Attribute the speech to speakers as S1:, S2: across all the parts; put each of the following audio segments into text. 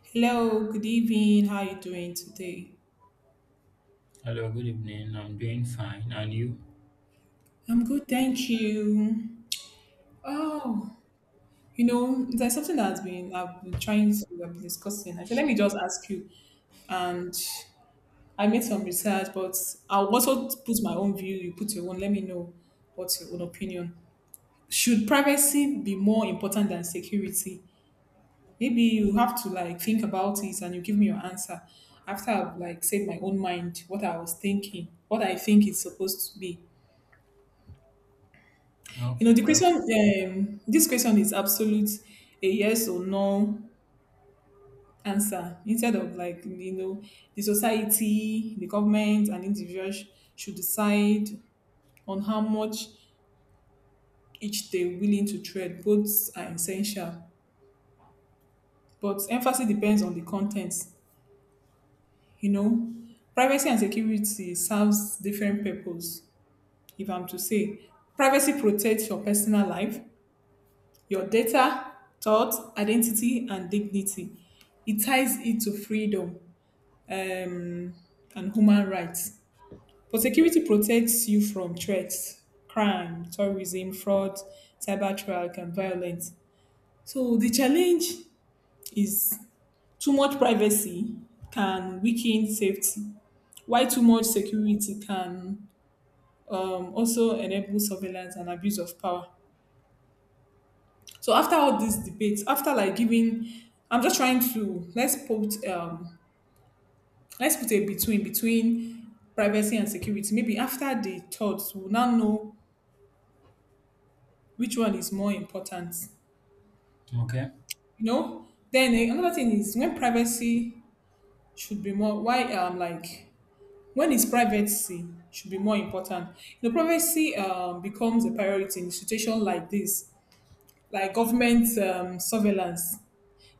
S1: Hello, good evening. How are you doing today?
S2: Hello, good evening. I'm doing fine. And you?
S1: I'm good, thank you. Oh, you know, there's something that's been I've been trying to I've been discussing. I said, let me just ask you. And I made some research, but I'll also put my own view. You put your own. Let me know what's your own opinion. Should privacy be more important than security? Maybe you have to like think about it and you give me your answer after I've like said my own mind, what I was thinking, what I think it's supposed to be. You know,
S2: Okay,
S1: the
S2: well,
S1: question, this question is absolute a yes or no answer instead of like, you know, the society, the government, and individuals should decide on how much each they're willing to trade. Both are essential, but emphasis depends on the content. You know, privacy and security serves different purpose, if I'm to say. Privacy protects your personal life, your data, thought, identity, and dignity. It ties it to freedom um, and human rights. But security protects you from threats, crime, terrorism, fraud, cyber trafficking, and violence. So the challenge is too much privacy can weaken safety, while too much security can also enable surveillance and abuse of power. So after all these debates, after like giving, I'm just trying to let's put a between privacy and security. Maybe after the thoughts, we'll now know which one is more important.
S2: okay.
S1: You know. Then another thing is when privacy should be more. Why like When is privacy should be more important. You know, privacy becomes a priority in a situation like this, like government surveillance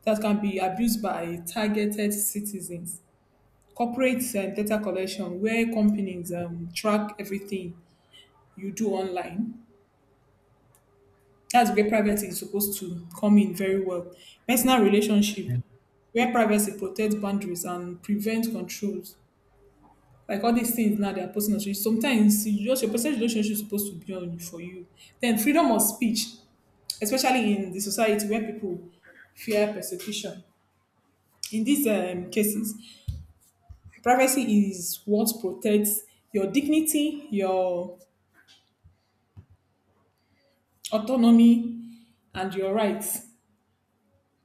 S1: that can be abused by targeted citizens, corporate data collection where companies track everything you do online. That's where privacy is supposed to come in very well. Personal relationship,
S2: Yeah.
S1: where privacy protects boundaries and prevents controls. Like all these things now, they are personal relationships. Sometimes your personal relationship is supposed to be on for you. Then freedom of speech, especially in the society where people fear persecution. In these cases, privacy is what protects your dignity, your autonomy, and your rights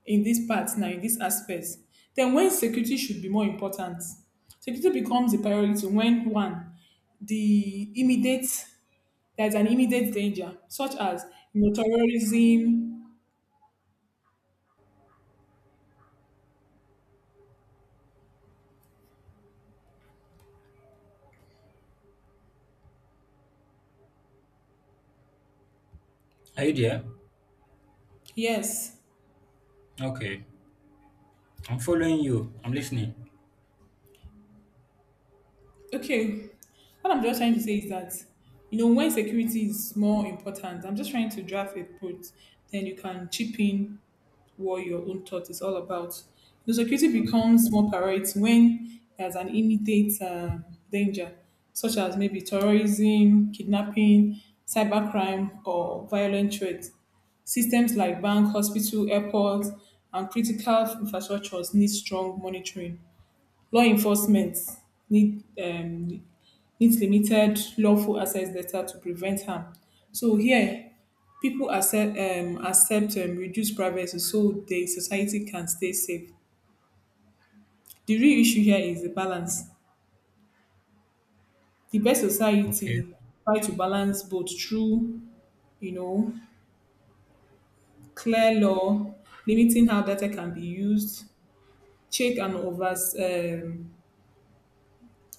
S1: in this part now, in this aspect. Then when security should be more important, security becomes a priority when one the immediate there's an immediate danger such as, you know, terrorism.
S2: Are you there?
S1: Yes.
S2: Okay. I'm following you. I'm listening.
S1: Okay. What I'm just trying to say is that, you know, when security is more important, I'm just trying to draft a put, then you can chip in what your own thought is all about. The security becomes more priority when there's an immediate danger, such as maybe terrorism, kidnapping, cybercrime, or violent threats. Systems like bank, hospital, airports, and critical infrastructures need strong monitoring. Law enforcement need um needs limited lawful access data to prevent harm. So here people accept reduced privacy so the society can stay safe. The real issue here is the balance. The best
S2: Okay.
S1: society try to balance both through, you know, clear law limiting how data can be used, check and over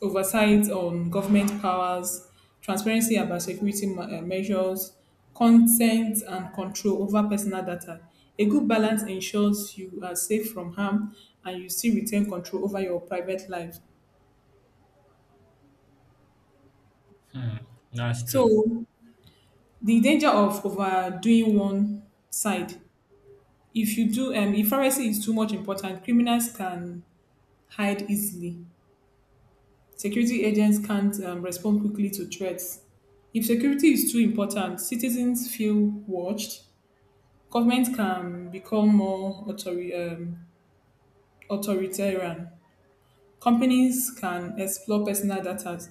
S1: oversight on government powers, transparency about security measures, consent and control over personal data. A good balance ensures you are safe from harm and you still retain control over your private life.
S2: Hmm. That's true.
S1: So the danger of overdoing one side. If you do, if privacy is too much important, criminals can hide easily. Security agents can't respond quickly to threats. If security is too important, citizens feel watched. Government can become more authoritarian. Companies can explore personal data.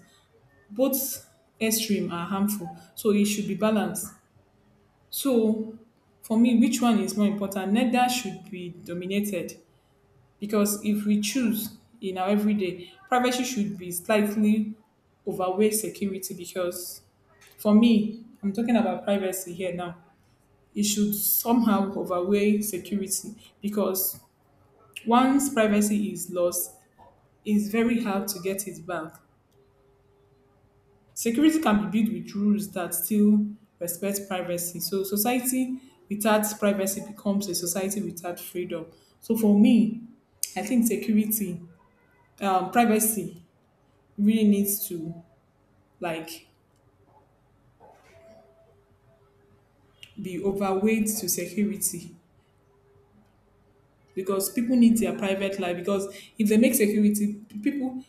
S1: Both extreme are harmful, so it should be balanced. So, for me, which one is more important? Neither should be dominated because if we choose in our everyday, privacy should be slightly overweight security because for me, I'm talking about privacy here now. It should somehow overweigh security because once privacy is lost, it's very hard to get it back. Security can be built with rules that still respect privacy. So society without privacy becomes a society without freedom. So for me, I think privacy really needs to like be overweight to security because people need their private life. Because if they make security, people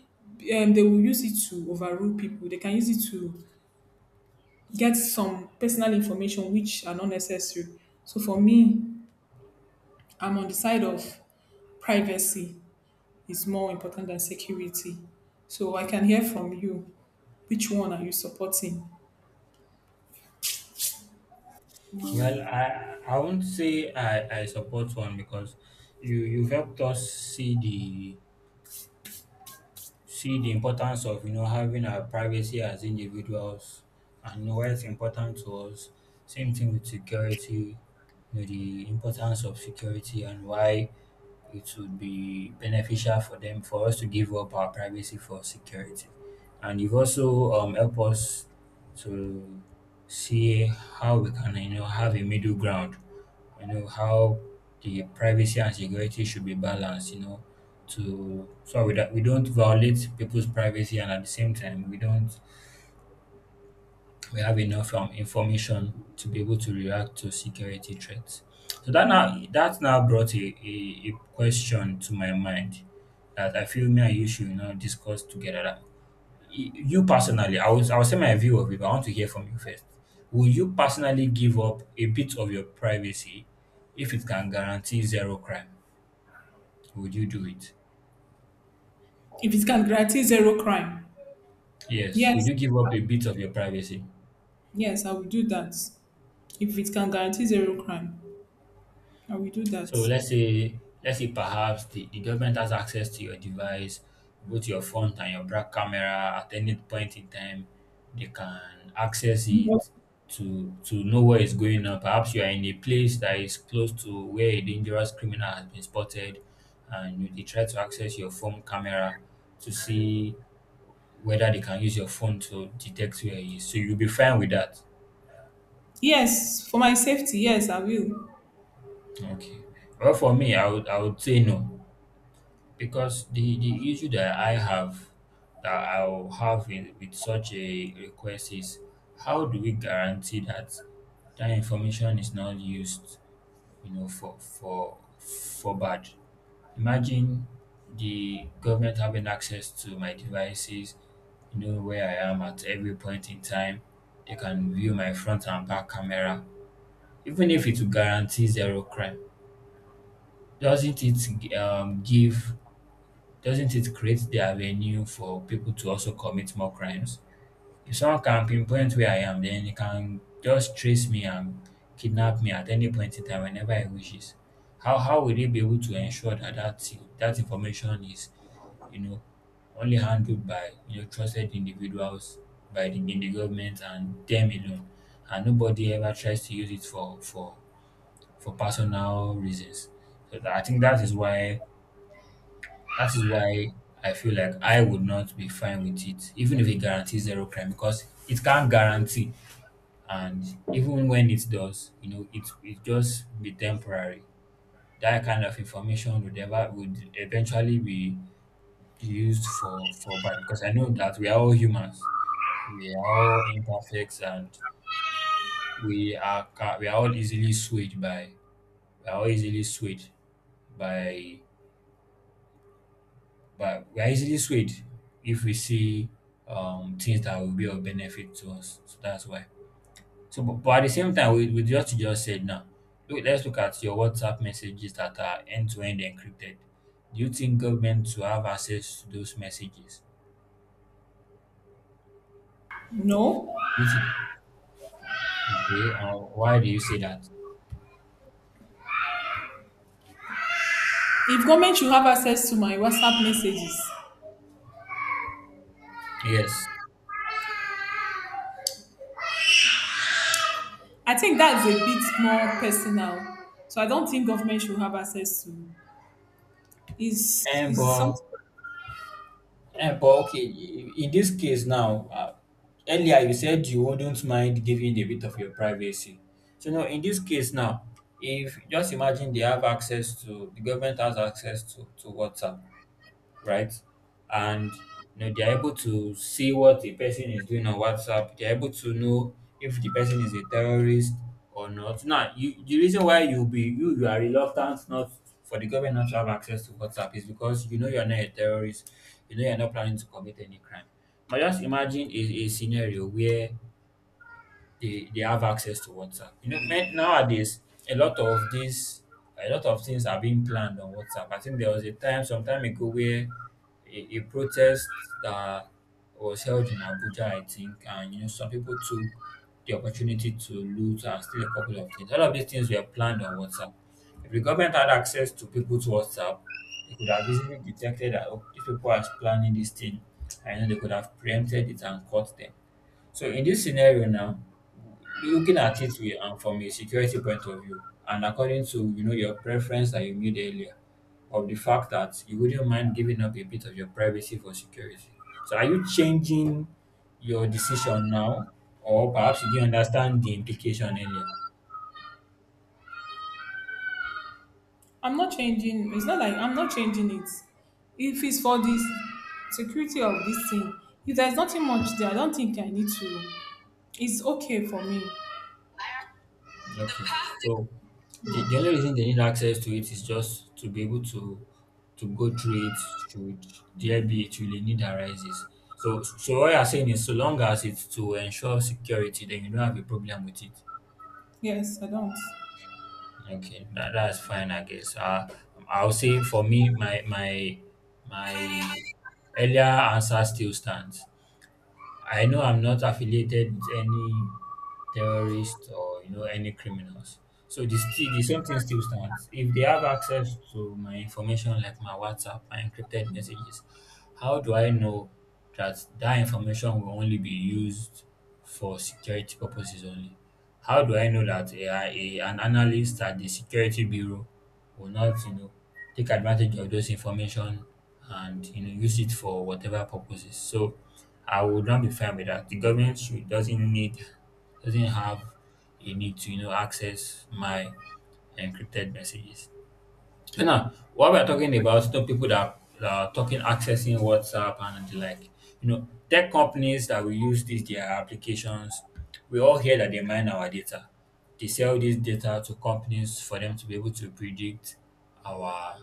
S1: they will use it to overrule people. They can use it to get some personal information which are not necessary. So for me, I'm on the side of privacy is more important than security. So I can hear from you which one are you supporting.
S2: Well, I won't say I support one because you've helped us see the importance of having our privacy as individuals and why it's important to us. Same thing with security, the importance of security and why it would be beneficial for us to give up our privacy for security. And you've also helped us to see how we can, have a middle ground. You know how the privacy and security should be balanced. You know, to so we that we don't violate people's privacy and at the same time we don't we have enough information to be able to react to security threats. So that now brought a question to my mind that I feel me and you should discuss together. That you personally, I'll say my view of it. But I want to hear from you first. Will you personally give up a bit of your privacy if it can guarantee zero crime? Would you do it?
S1: If it can guarantee zero crime,
S2: Yes. Would
S1: yes,
S2: you give up a bit of your privacy?
S1: yes, I will do that. If it can guarantee zero crime, I will do that.
S2: So let's say perhaps the government has access to your device, both your front and your back camera at any point in time. They can access it to know what is going on. Perhaps you are in a place that is close to where a dangerous criminal has been spotted, and they try to access your phone camera to see whether they can use your phone to detect where he is. So you'll be fine with that.
S1: Yes, for my safety, yes, I will.
S2: Okay. Well, for me, I would say no. Because the issue that I have, that I'll have with such a request is how do we guarantee that that information is not used, for bad? Imagine the government having access to my devices, where I am at every point in time. They can view my front and back camera, even if it will guarantee zero crime. Doesn't it um, give doesn't it create the avenue for people to also commit more crimes? If someone can pinpoint where I am, then he can just trace me and kidnap me at any point in time whenever he wishes. How will they be able to ensure that that information is, you know, only handled by trusted individuals, in the government and them alone, and nobody ever tries to use it for personal reasons. So I think that is why I feel like I would not be fine with it, even if it guarantees zero crime, because it can't guarantee. And even when it does, it just be temporary. That kind of information would eventually be used for bad. Because I know that we are all humans, we are all imperfect, and we are all easily swayed by we are all easily swayed by But we are easily swayed if we see things that will be of benefit to us. So that's why. So, but at the same time, with what you just said now, look, let's look at your WhatsApp messages that are end to end encrypted. Do you think government to have access to those messages?
S1: No.
S2: Do you think? Okay, why do you say that?
S1: If government should have access to my WhatsApp messages,
S2: Yes.
S1: I think that's a bit more personal. So I don't think government should have access to
S2: And
S1: is
S2: but
S1: something.
S2: but okay, in this case now, earlier you said you wouldn't mind giving a bit of your privacy. So now, in this case now, if just imagine the government has access to WhatsApp, right? And they're able to see what the person is doing on WhatsApp. They're able to know if the person is a terrorist or not. Now, the reason why you are reluctant not for the government not to have access to WhatsApp is because you know you're not a terrorist. You know you're not planning to commit any crime. But just imagine a scenario where they have access to WhatsApp. Men, nowadays a lot of this, a lot of things are being planned on WhatsApp. I think there was a time some time ago where a protest that was held in Abuja, I think, and some people took the opportunity to loot and steal a couple of things. All of these things were planned on WhatsApp. If the government had access to people's WhatsApp, they could have easily detected that oh, these people are planning this thing, and they could have preempted it and caught them. So in this scenario now, looking at it from a security point of view, and according to your preference that you made earlier, of the fact that you wouldn't mind giving up a bit of your privacy for security. So are you changing your decision now, or perhaps you didn't understand the implication earlier?
S1: I'm not changing. It's not like I'm not changing it. If it's for this security of this thing, if there's nothing much there, I don't think I need to. It's okay for me.
S2: Okay. So
S1: No.
S2: the only reason they need access to it is just to be able to go through it should there be it really need arises. So what you're saying is so long as it's to ensure security, then you don't have a problem with it.
S1: Yes, I don't.
S2: Okay, that's fine, I guess. I'll say for me, my earlier answer still stands. I know I'm not affiliated with any terrorist or any criminals. So the still the same thing still stands. If they have access to my information like my WhatsApp, my encrypted messages, how do I know that that information will only be used for security purposes only? How do I know that an analyst at the security bureau will not take advantage of those information and use it for whatever purposes? So I would not be fine with that. The government should doesn't need doesn't have a need to access my encrypted messages. So now, what we're talking about, people that are talking accessing WhatsApp and the like, tech companies that we use these their applications, we all hear that they mine our data. They sell this data to companies for them to be able to predict our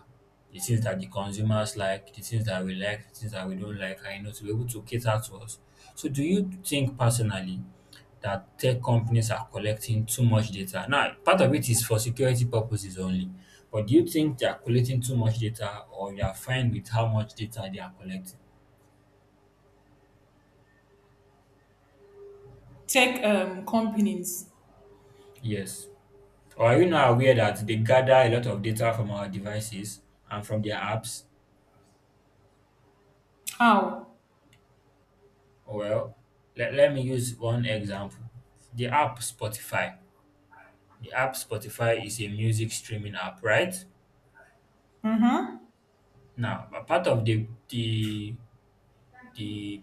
S2: the things that the consumers like, the things that we like, the things that we don't like, and to be able to cater to us. So, do you think personally that tech companies are collecting too much data? Now, part of it is for security purposes only, but do you think they are collecting too much data or you are fine with how much data they are collecting?
S1: Tech companies.
S2: Yes. Or are you not aware that they gather a lot of data from our devices and from their apps?
S1: How?
S2: Well, let me use one example. The app Spotify. The app Spotify is a music streaming app, right?
S1: Mm-hmm.
S2: Now, a part of the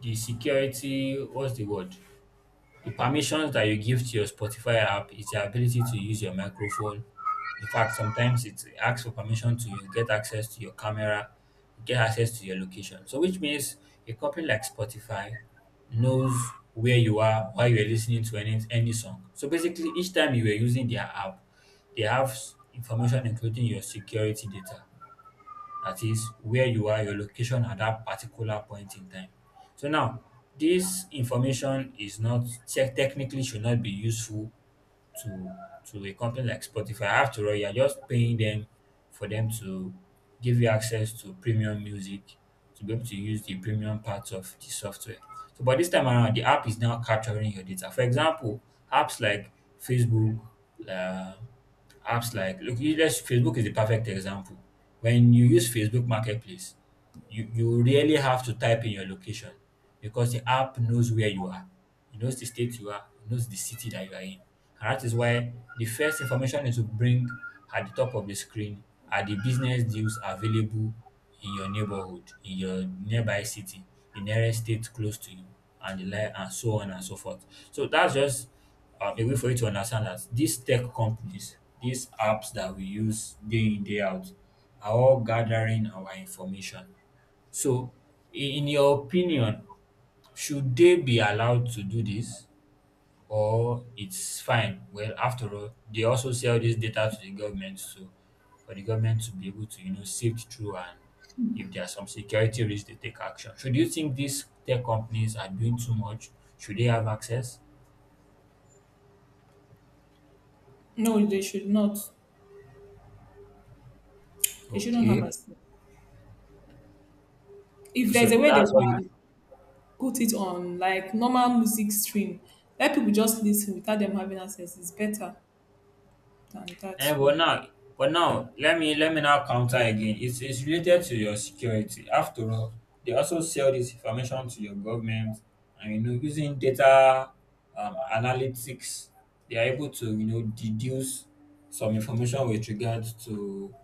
S2: the security what's the word? The permissions that you give to your Spotify app is the ability to use your microphone. In fact, sometimes it asks for permission to you get access to your camera, get access to your location. So, which means a company like Spotify knows where you are while you're listening to any song. So, basically, each time you were using their app, they have information including your security data that is where you are, your location at that particular point in time. So now, this information is not technically should not be useful to to a company like Spotify. After all, you're just paying them for them to give you access to premium music, to be able to use the premium parts of the software. So, but this time around, the app is now capturing your data. For example, apps like Facebook, uh, apps like Facebook is the perfect example. When you use Facebook Marketplace, you really have to type in your location because the app knows where you are. It knows the state you are. It knows the city that you are in. And that is why the first information it will bring at the top of the screen are the business deals available in your neighborhood, in your nearby city, the nearest state close to you, and the like, and so on and so forth. So that's just a way for you to understand that these tech companies, these apps that we use day in day out, are all gathering our information. So, in your opinion, should they be allowed to do this or it's fine? Well, after all, they also sell this data to the government so for the government to be able to, you know, sift through and if there are some security risks, they take action. So do you think these tech companies are doing too much? Should they have access?
S1: No, they should not. They shouldn't have
S2: Okay.
S1: access. If there's
S2: So
S1: a way they
S2: that's how you
S1: can put it on like normal music stream, let people just listen without them having access, it's better than that
S2: And
S1: way.
S2: but now, let me now counter again. It's related to your security. After all, they also sell this information to your government, and you know, using data analytics, they are able to you know deduce some information with regards to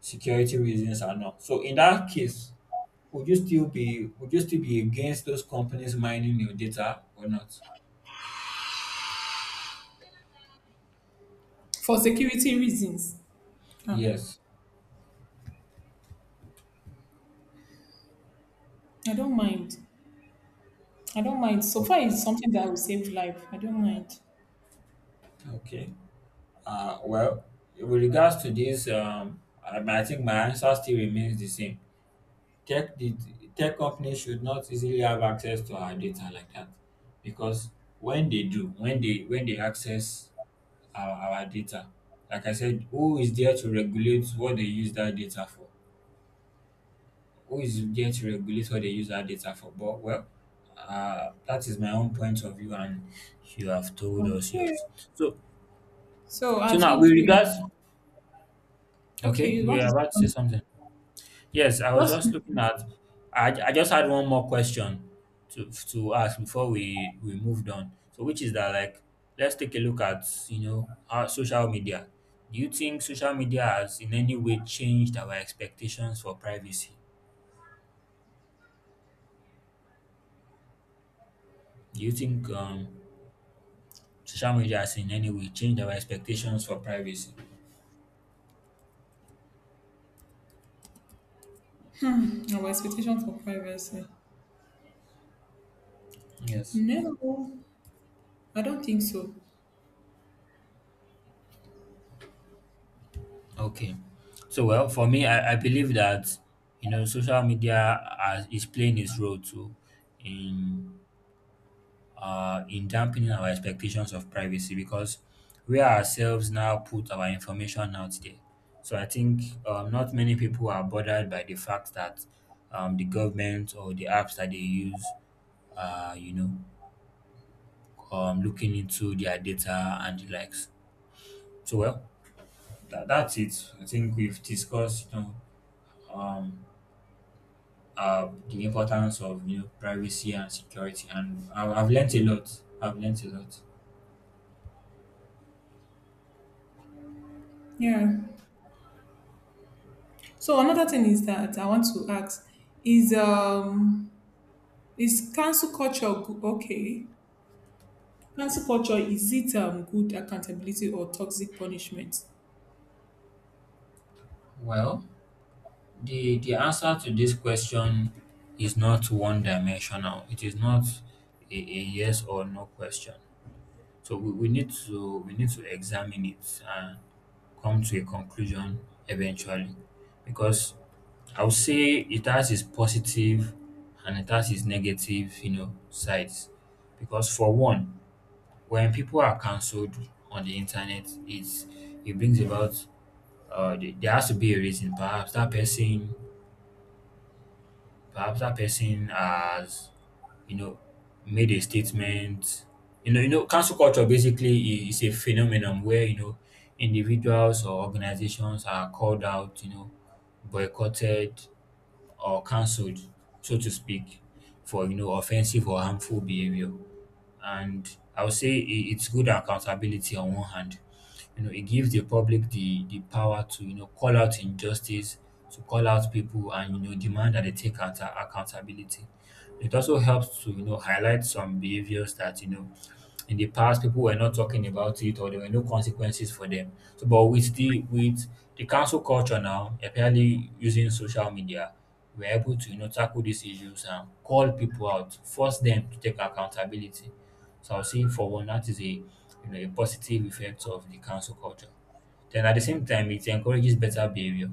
S2: security reasons or not. So in that case, would you still be against those companies mining your data or not?
S1: For security reasons, ah
S2: Yes.
S1: I don't mind. I don't mind, so far
S2: Okay.
S1: it's something that will save life, I don't mind.
S2: Okay. Well, with regards to this, I think my answer still remains the same. Tech the tech companies should not easily have access to our data like that, because when they access our data, like I said, who is there to regulate what they use that data for? Who is there to regulate what they use that data for? But well, that is my own point of view, and you have told us
S1: Okay,
S2: yours. So
S1: so
S2: so
S1: I
S2: now with
S1: think we
S2: regards,
S1: okay,
S2: okay,
S1: you
S2: we
S1: want to
S2: are
S1: say
S2: about to say
S1: something,
S2: something. Yes, I was
S1: just
S2: just looking at. I just had one more question to ask before we moved on. So, which is that like, let's take a look at you know our social media. Do you think social media has in any way changed our expectations for privacy? Do you think social media has in any way changed our expectations for privacy?
S1: our expectation for privacy.
S2: Yes.
S1: No, I don't think so.
S2: Okay. So well, for me, I believe that you know is playing its role too in in dampening our expectations of privacy because we ourselves now put our information out there. So I think not many people are bothered by the fact that the government or the apps that they use are, you know, looking into their data and the likes. So, well, that's it. I think we've discussed, you know, um, the importance of, you know, privacy and security. And I've learnt a lot. I've learnt a lot.
S1: Yeah, so another thing is that I want to ask is okay. Cancel culture, is it, good accountability or toxic punishment?
S2: Well, the answer to this question is not one dimensional. It is not a yes or no question. So we need to examine it and come to a conclusion eventually. Because I would say it has its positive and it has its negative, you know, sides. Because for one, when people are cancelled on the internet, it brings about there has to be a reason. Perhaps that person has, you know, made a statement. You know, cancel culture basically I- is a phenomenon where you know individuals or organizations are called out, you know, boycotted, or cancelled, so to speak, for you know offensive or harmful behavior. And I would say it's good accountability on one hand. You know, it gives the public the power to you know call out injustice, to call out people, and you know demand that they take accountability. It also helps to you know highlight some behaviors that you know in the past people were not talking about it or there were no consequences for them so but with the council culture now apparently using social media we're able to you know tackle these issues and call people out force them to take accountability so I'll say for one that is a you know a positive effect of the council culture then at the same time, it encourages better behavior.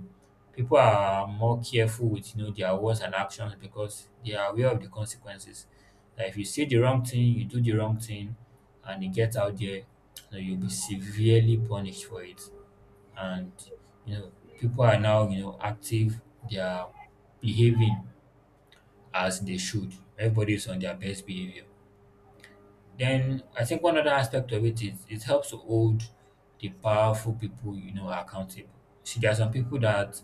S2: People are more careful with you know their words and actions because they are aware of the consequences. That if you say the wrong thing, you do the wrong thing, and it gets out there, you know, you'll be severely punished for it. And you know, people are now you know active. They are behaving as they should. Everybody is on their best behavior. Then I think one other aspect of it is it helps to hold the powerful people you know accountable. See, there are some people that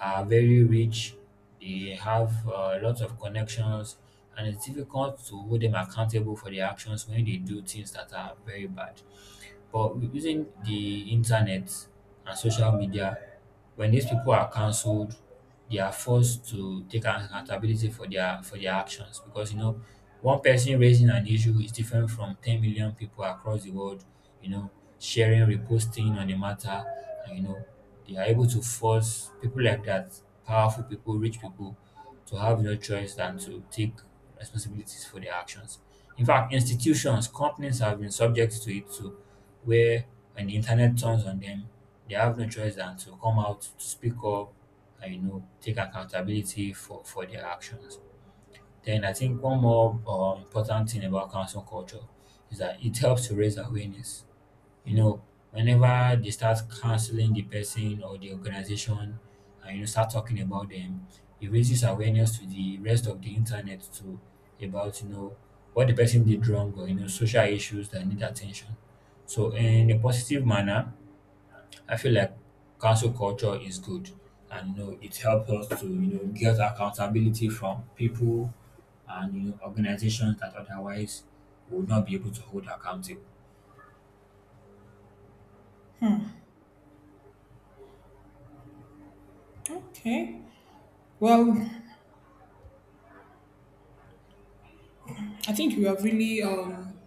S2: are very rich, they have lots of connections, and it's difficult to hold them accountable for their actions when they do things that are very bad. But using the internet and social media, when these people are cancelled, they are forced to take an accountability for their actions because you know one person raising an issue is different from 10 million people across the world, you know, sharing, reposting on the matter, and you know, they are able to force people like that, powerful people, rich people, to have no choice than to take responsibilities for their actions. In fact, institutions, companies have been subject to it too where when the internet turns on them, they have no choice than to come out, to speak up, and you know, take accountability for their actions. Then I think one more important thing about council culture is that it helps to raise awareness you know, whenever they start canceling the person or the organization and you know start talking about them, it raises awareness to the rest of the internet too about you know what the person did wrong or you know social issues that need attention. So in a positive manner, I feel like cancel culture is good and you know it helps us to you know get accountability from people and you know organizations that otherwise would not be able to hold accountable.
S1: Okay. Well, I think you have really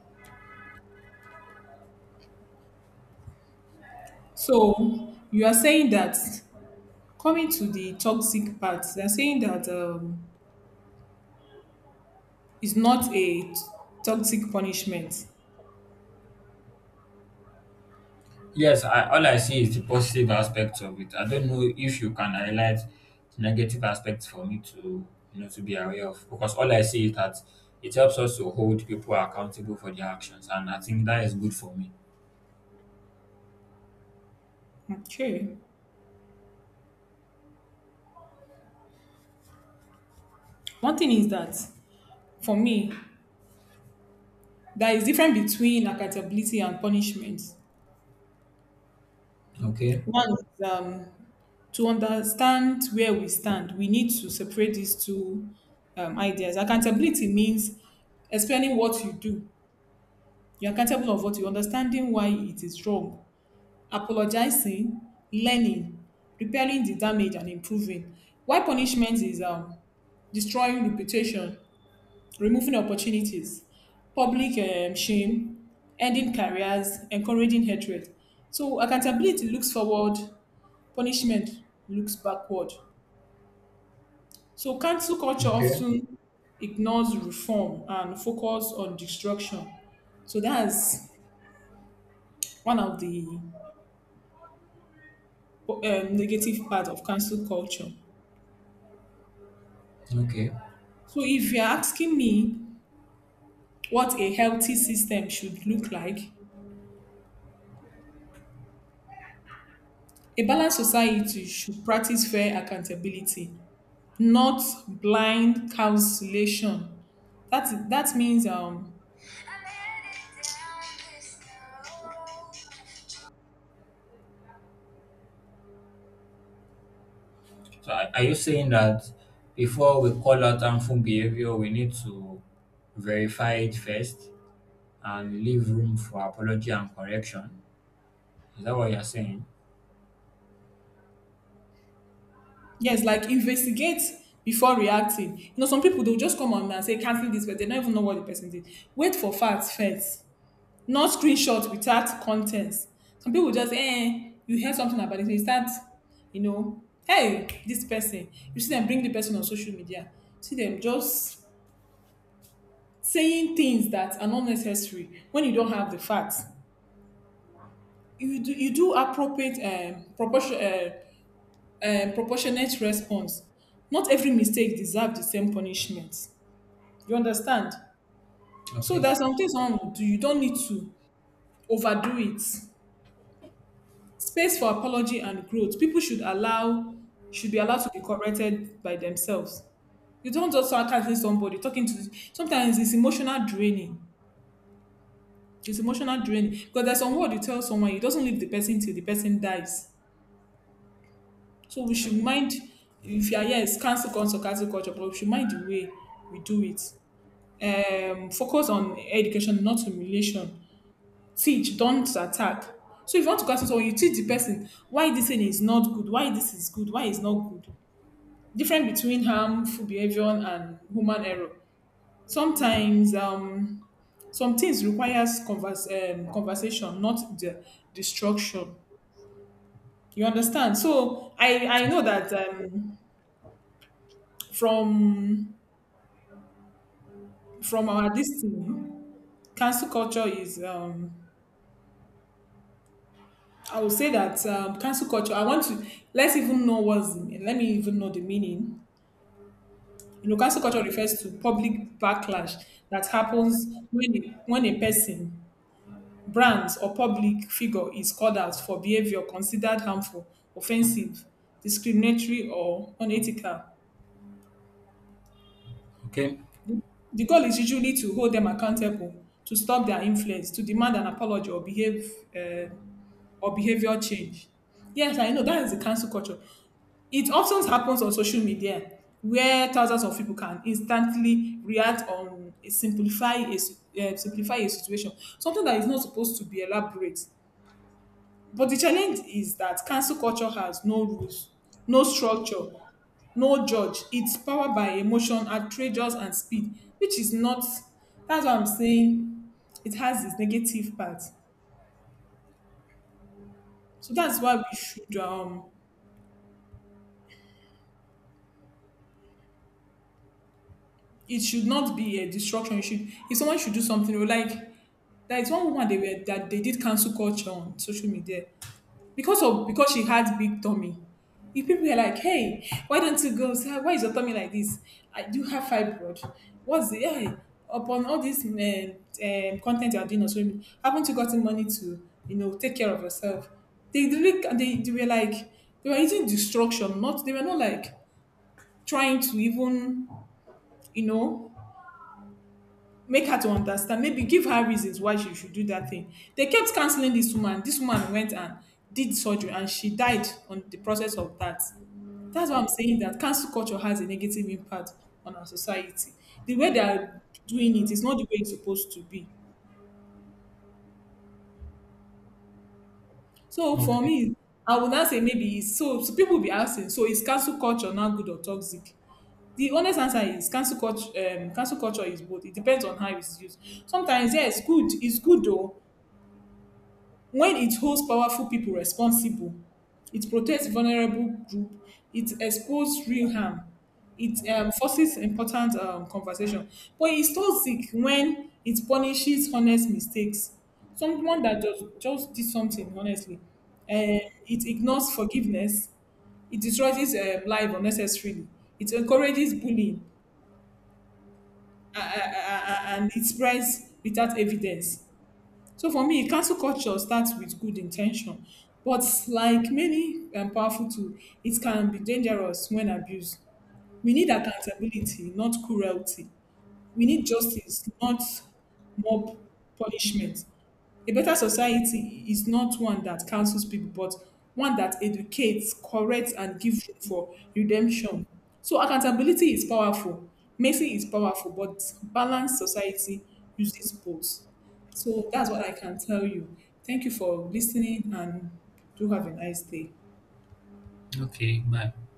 S1: so you are saying that coming to the toxic part, they're saying that it's not a toxic punishment.
S2: Yes, I, all I see is the positive aspects of it. I don't know if you can highlight the negative aspects for me to you know to be aware of because all I see is that it helps us to hold people accountable for their actions, and I think that is good for me.
S1: Okay. One thing is that for me, there is difference between accountability and punishment.
S2: Okay,
S1: One is, to understand where we stand, we need to separate these two ideas. Accountability means explaining what you do. You're accountable of what you, understanding why it is wrong, apologizing, learning, repairing the damage, and improving. Why punishment is, destroying reputation, removing opportunities, public shame, ending careers, encouraging hatred. So accountability looks forward, punishment looks backward. So cancel culture
S2: okay,
S1: often ignores reform and focus on destruction. So that's one of the negative part of cancel culture.
S2: okay.
S1: So if you're asking me what a healthy system should look like, a balanced society should practice fair accountability, not blind cancellation. That means
S2: So are you saying that before we call out harmful behavior, we need to verify it first and leave room for apology and correction? Is that what you're saying?
S1: yes, like investigate before reacting. You know, some people they'll just come on and say cancel this, but they don't even know what the person did. Wait for facts first, not screenshot without contents. Some people just you hear something about it, so you start, you know, hey, this person. You see them bring the person on social media. See them just saying things that are not necessary when you don't have the facts. You do appropriate proportionate response. Not every mistake deserve the same punishment. You understand? So
S2: Okay,
S1: there's some things one will do. You don't need to overdo it. Space for apology and growth. People should allow should be allowed to be corrected by themselves. You don't just start attacking somebody talking to. Sometimes it's emotional draining. It's emotional draining because there's some word you tell someone it doesn't leave the person till the person dies. So we should mind, if you are yes, cancel culture, but we should mind the way we do it. Focus on education, not humiliation. Teach, don't attack. So if you want to cancel someone, you teach the person why this thing is not good, why this is good, why it's not good. Difference between harmful behavior and human error. Sometimes some things requires conversation, not the destruction. You understand? So I know that from from our this thing, cancel culture is I would say that cancel culture I want to let me even know the meaning. You know, cancel culture refers to public backlash that happens when when a person, brand or public figure is called out for behavior considered harmful, offensive, discriminatory or unethical.
S2: okay,
S1: The goal is usually to hold them accountable, to stop their influence, to demand an apology or behave uh, or behavior change. Yes, I know that is the cancel culture. It often happens on social media where thousands of people can instantly react on simplify a situation, something that is not supposed to be elaborate. But the challenge is that cancel culture has no rules, no structure, no judge. It's powered by emotion, outrageous, and speed, which is not. That's what I'm saying. It has its negative part. So that's why we should it should not be a destruction. You should, if someone should do something, or like there is one woman they were that they did cancel culture on social media because of because she had big tummy. If people were like, "Hey, why don't you go? Sir? Why is your tummy like this? I do have fibroid. What's the yeah?" Upon all this content you are doing on social media, haven't you gotten money to you know take care of yourself? They really they were like they were using destruction. Not they were not like trying to even, you know, make her to understand, maybe give her reasons why she should do that thing. They kept canceling this woman. This woman went and did surgery and she died on the process of that. That's why I'm saying that cancel culture has a negative impact on our society. The way they are doing it is not the way it's supposed to be. So for
S2: okay,
S1: me, I would not say maybe it's so. So people will be asking, so is cancel culture now good or toxic? The honest answer is cancel culture is both. It depends on how it's used. Sometimes yes, good, it's good though when it holds powerful people responsible, it protects vulnerable groups, it exposes real harm, it forces important conversation. But it's toxic when it punishes honest mistakes. Someone that just did something honestly, and it ignores forgiveness, it destroys life unnecessarily, it encourages bullying, and it spreads without evidence. So for me, cancel culture starts with good intention, but like many powerful tool, it can be dangerous when abused. We need accountability, not cruelty. We need justice, not mob punishment. A better society is not one that cancels people, but one that educates, corrects, and gives room for redemption. So accountability is powerful, mercy is powerful, but balanced society uses both. So that's what I can tell you. Thank you for listening and do have a nice day.
S2: okay. Bye.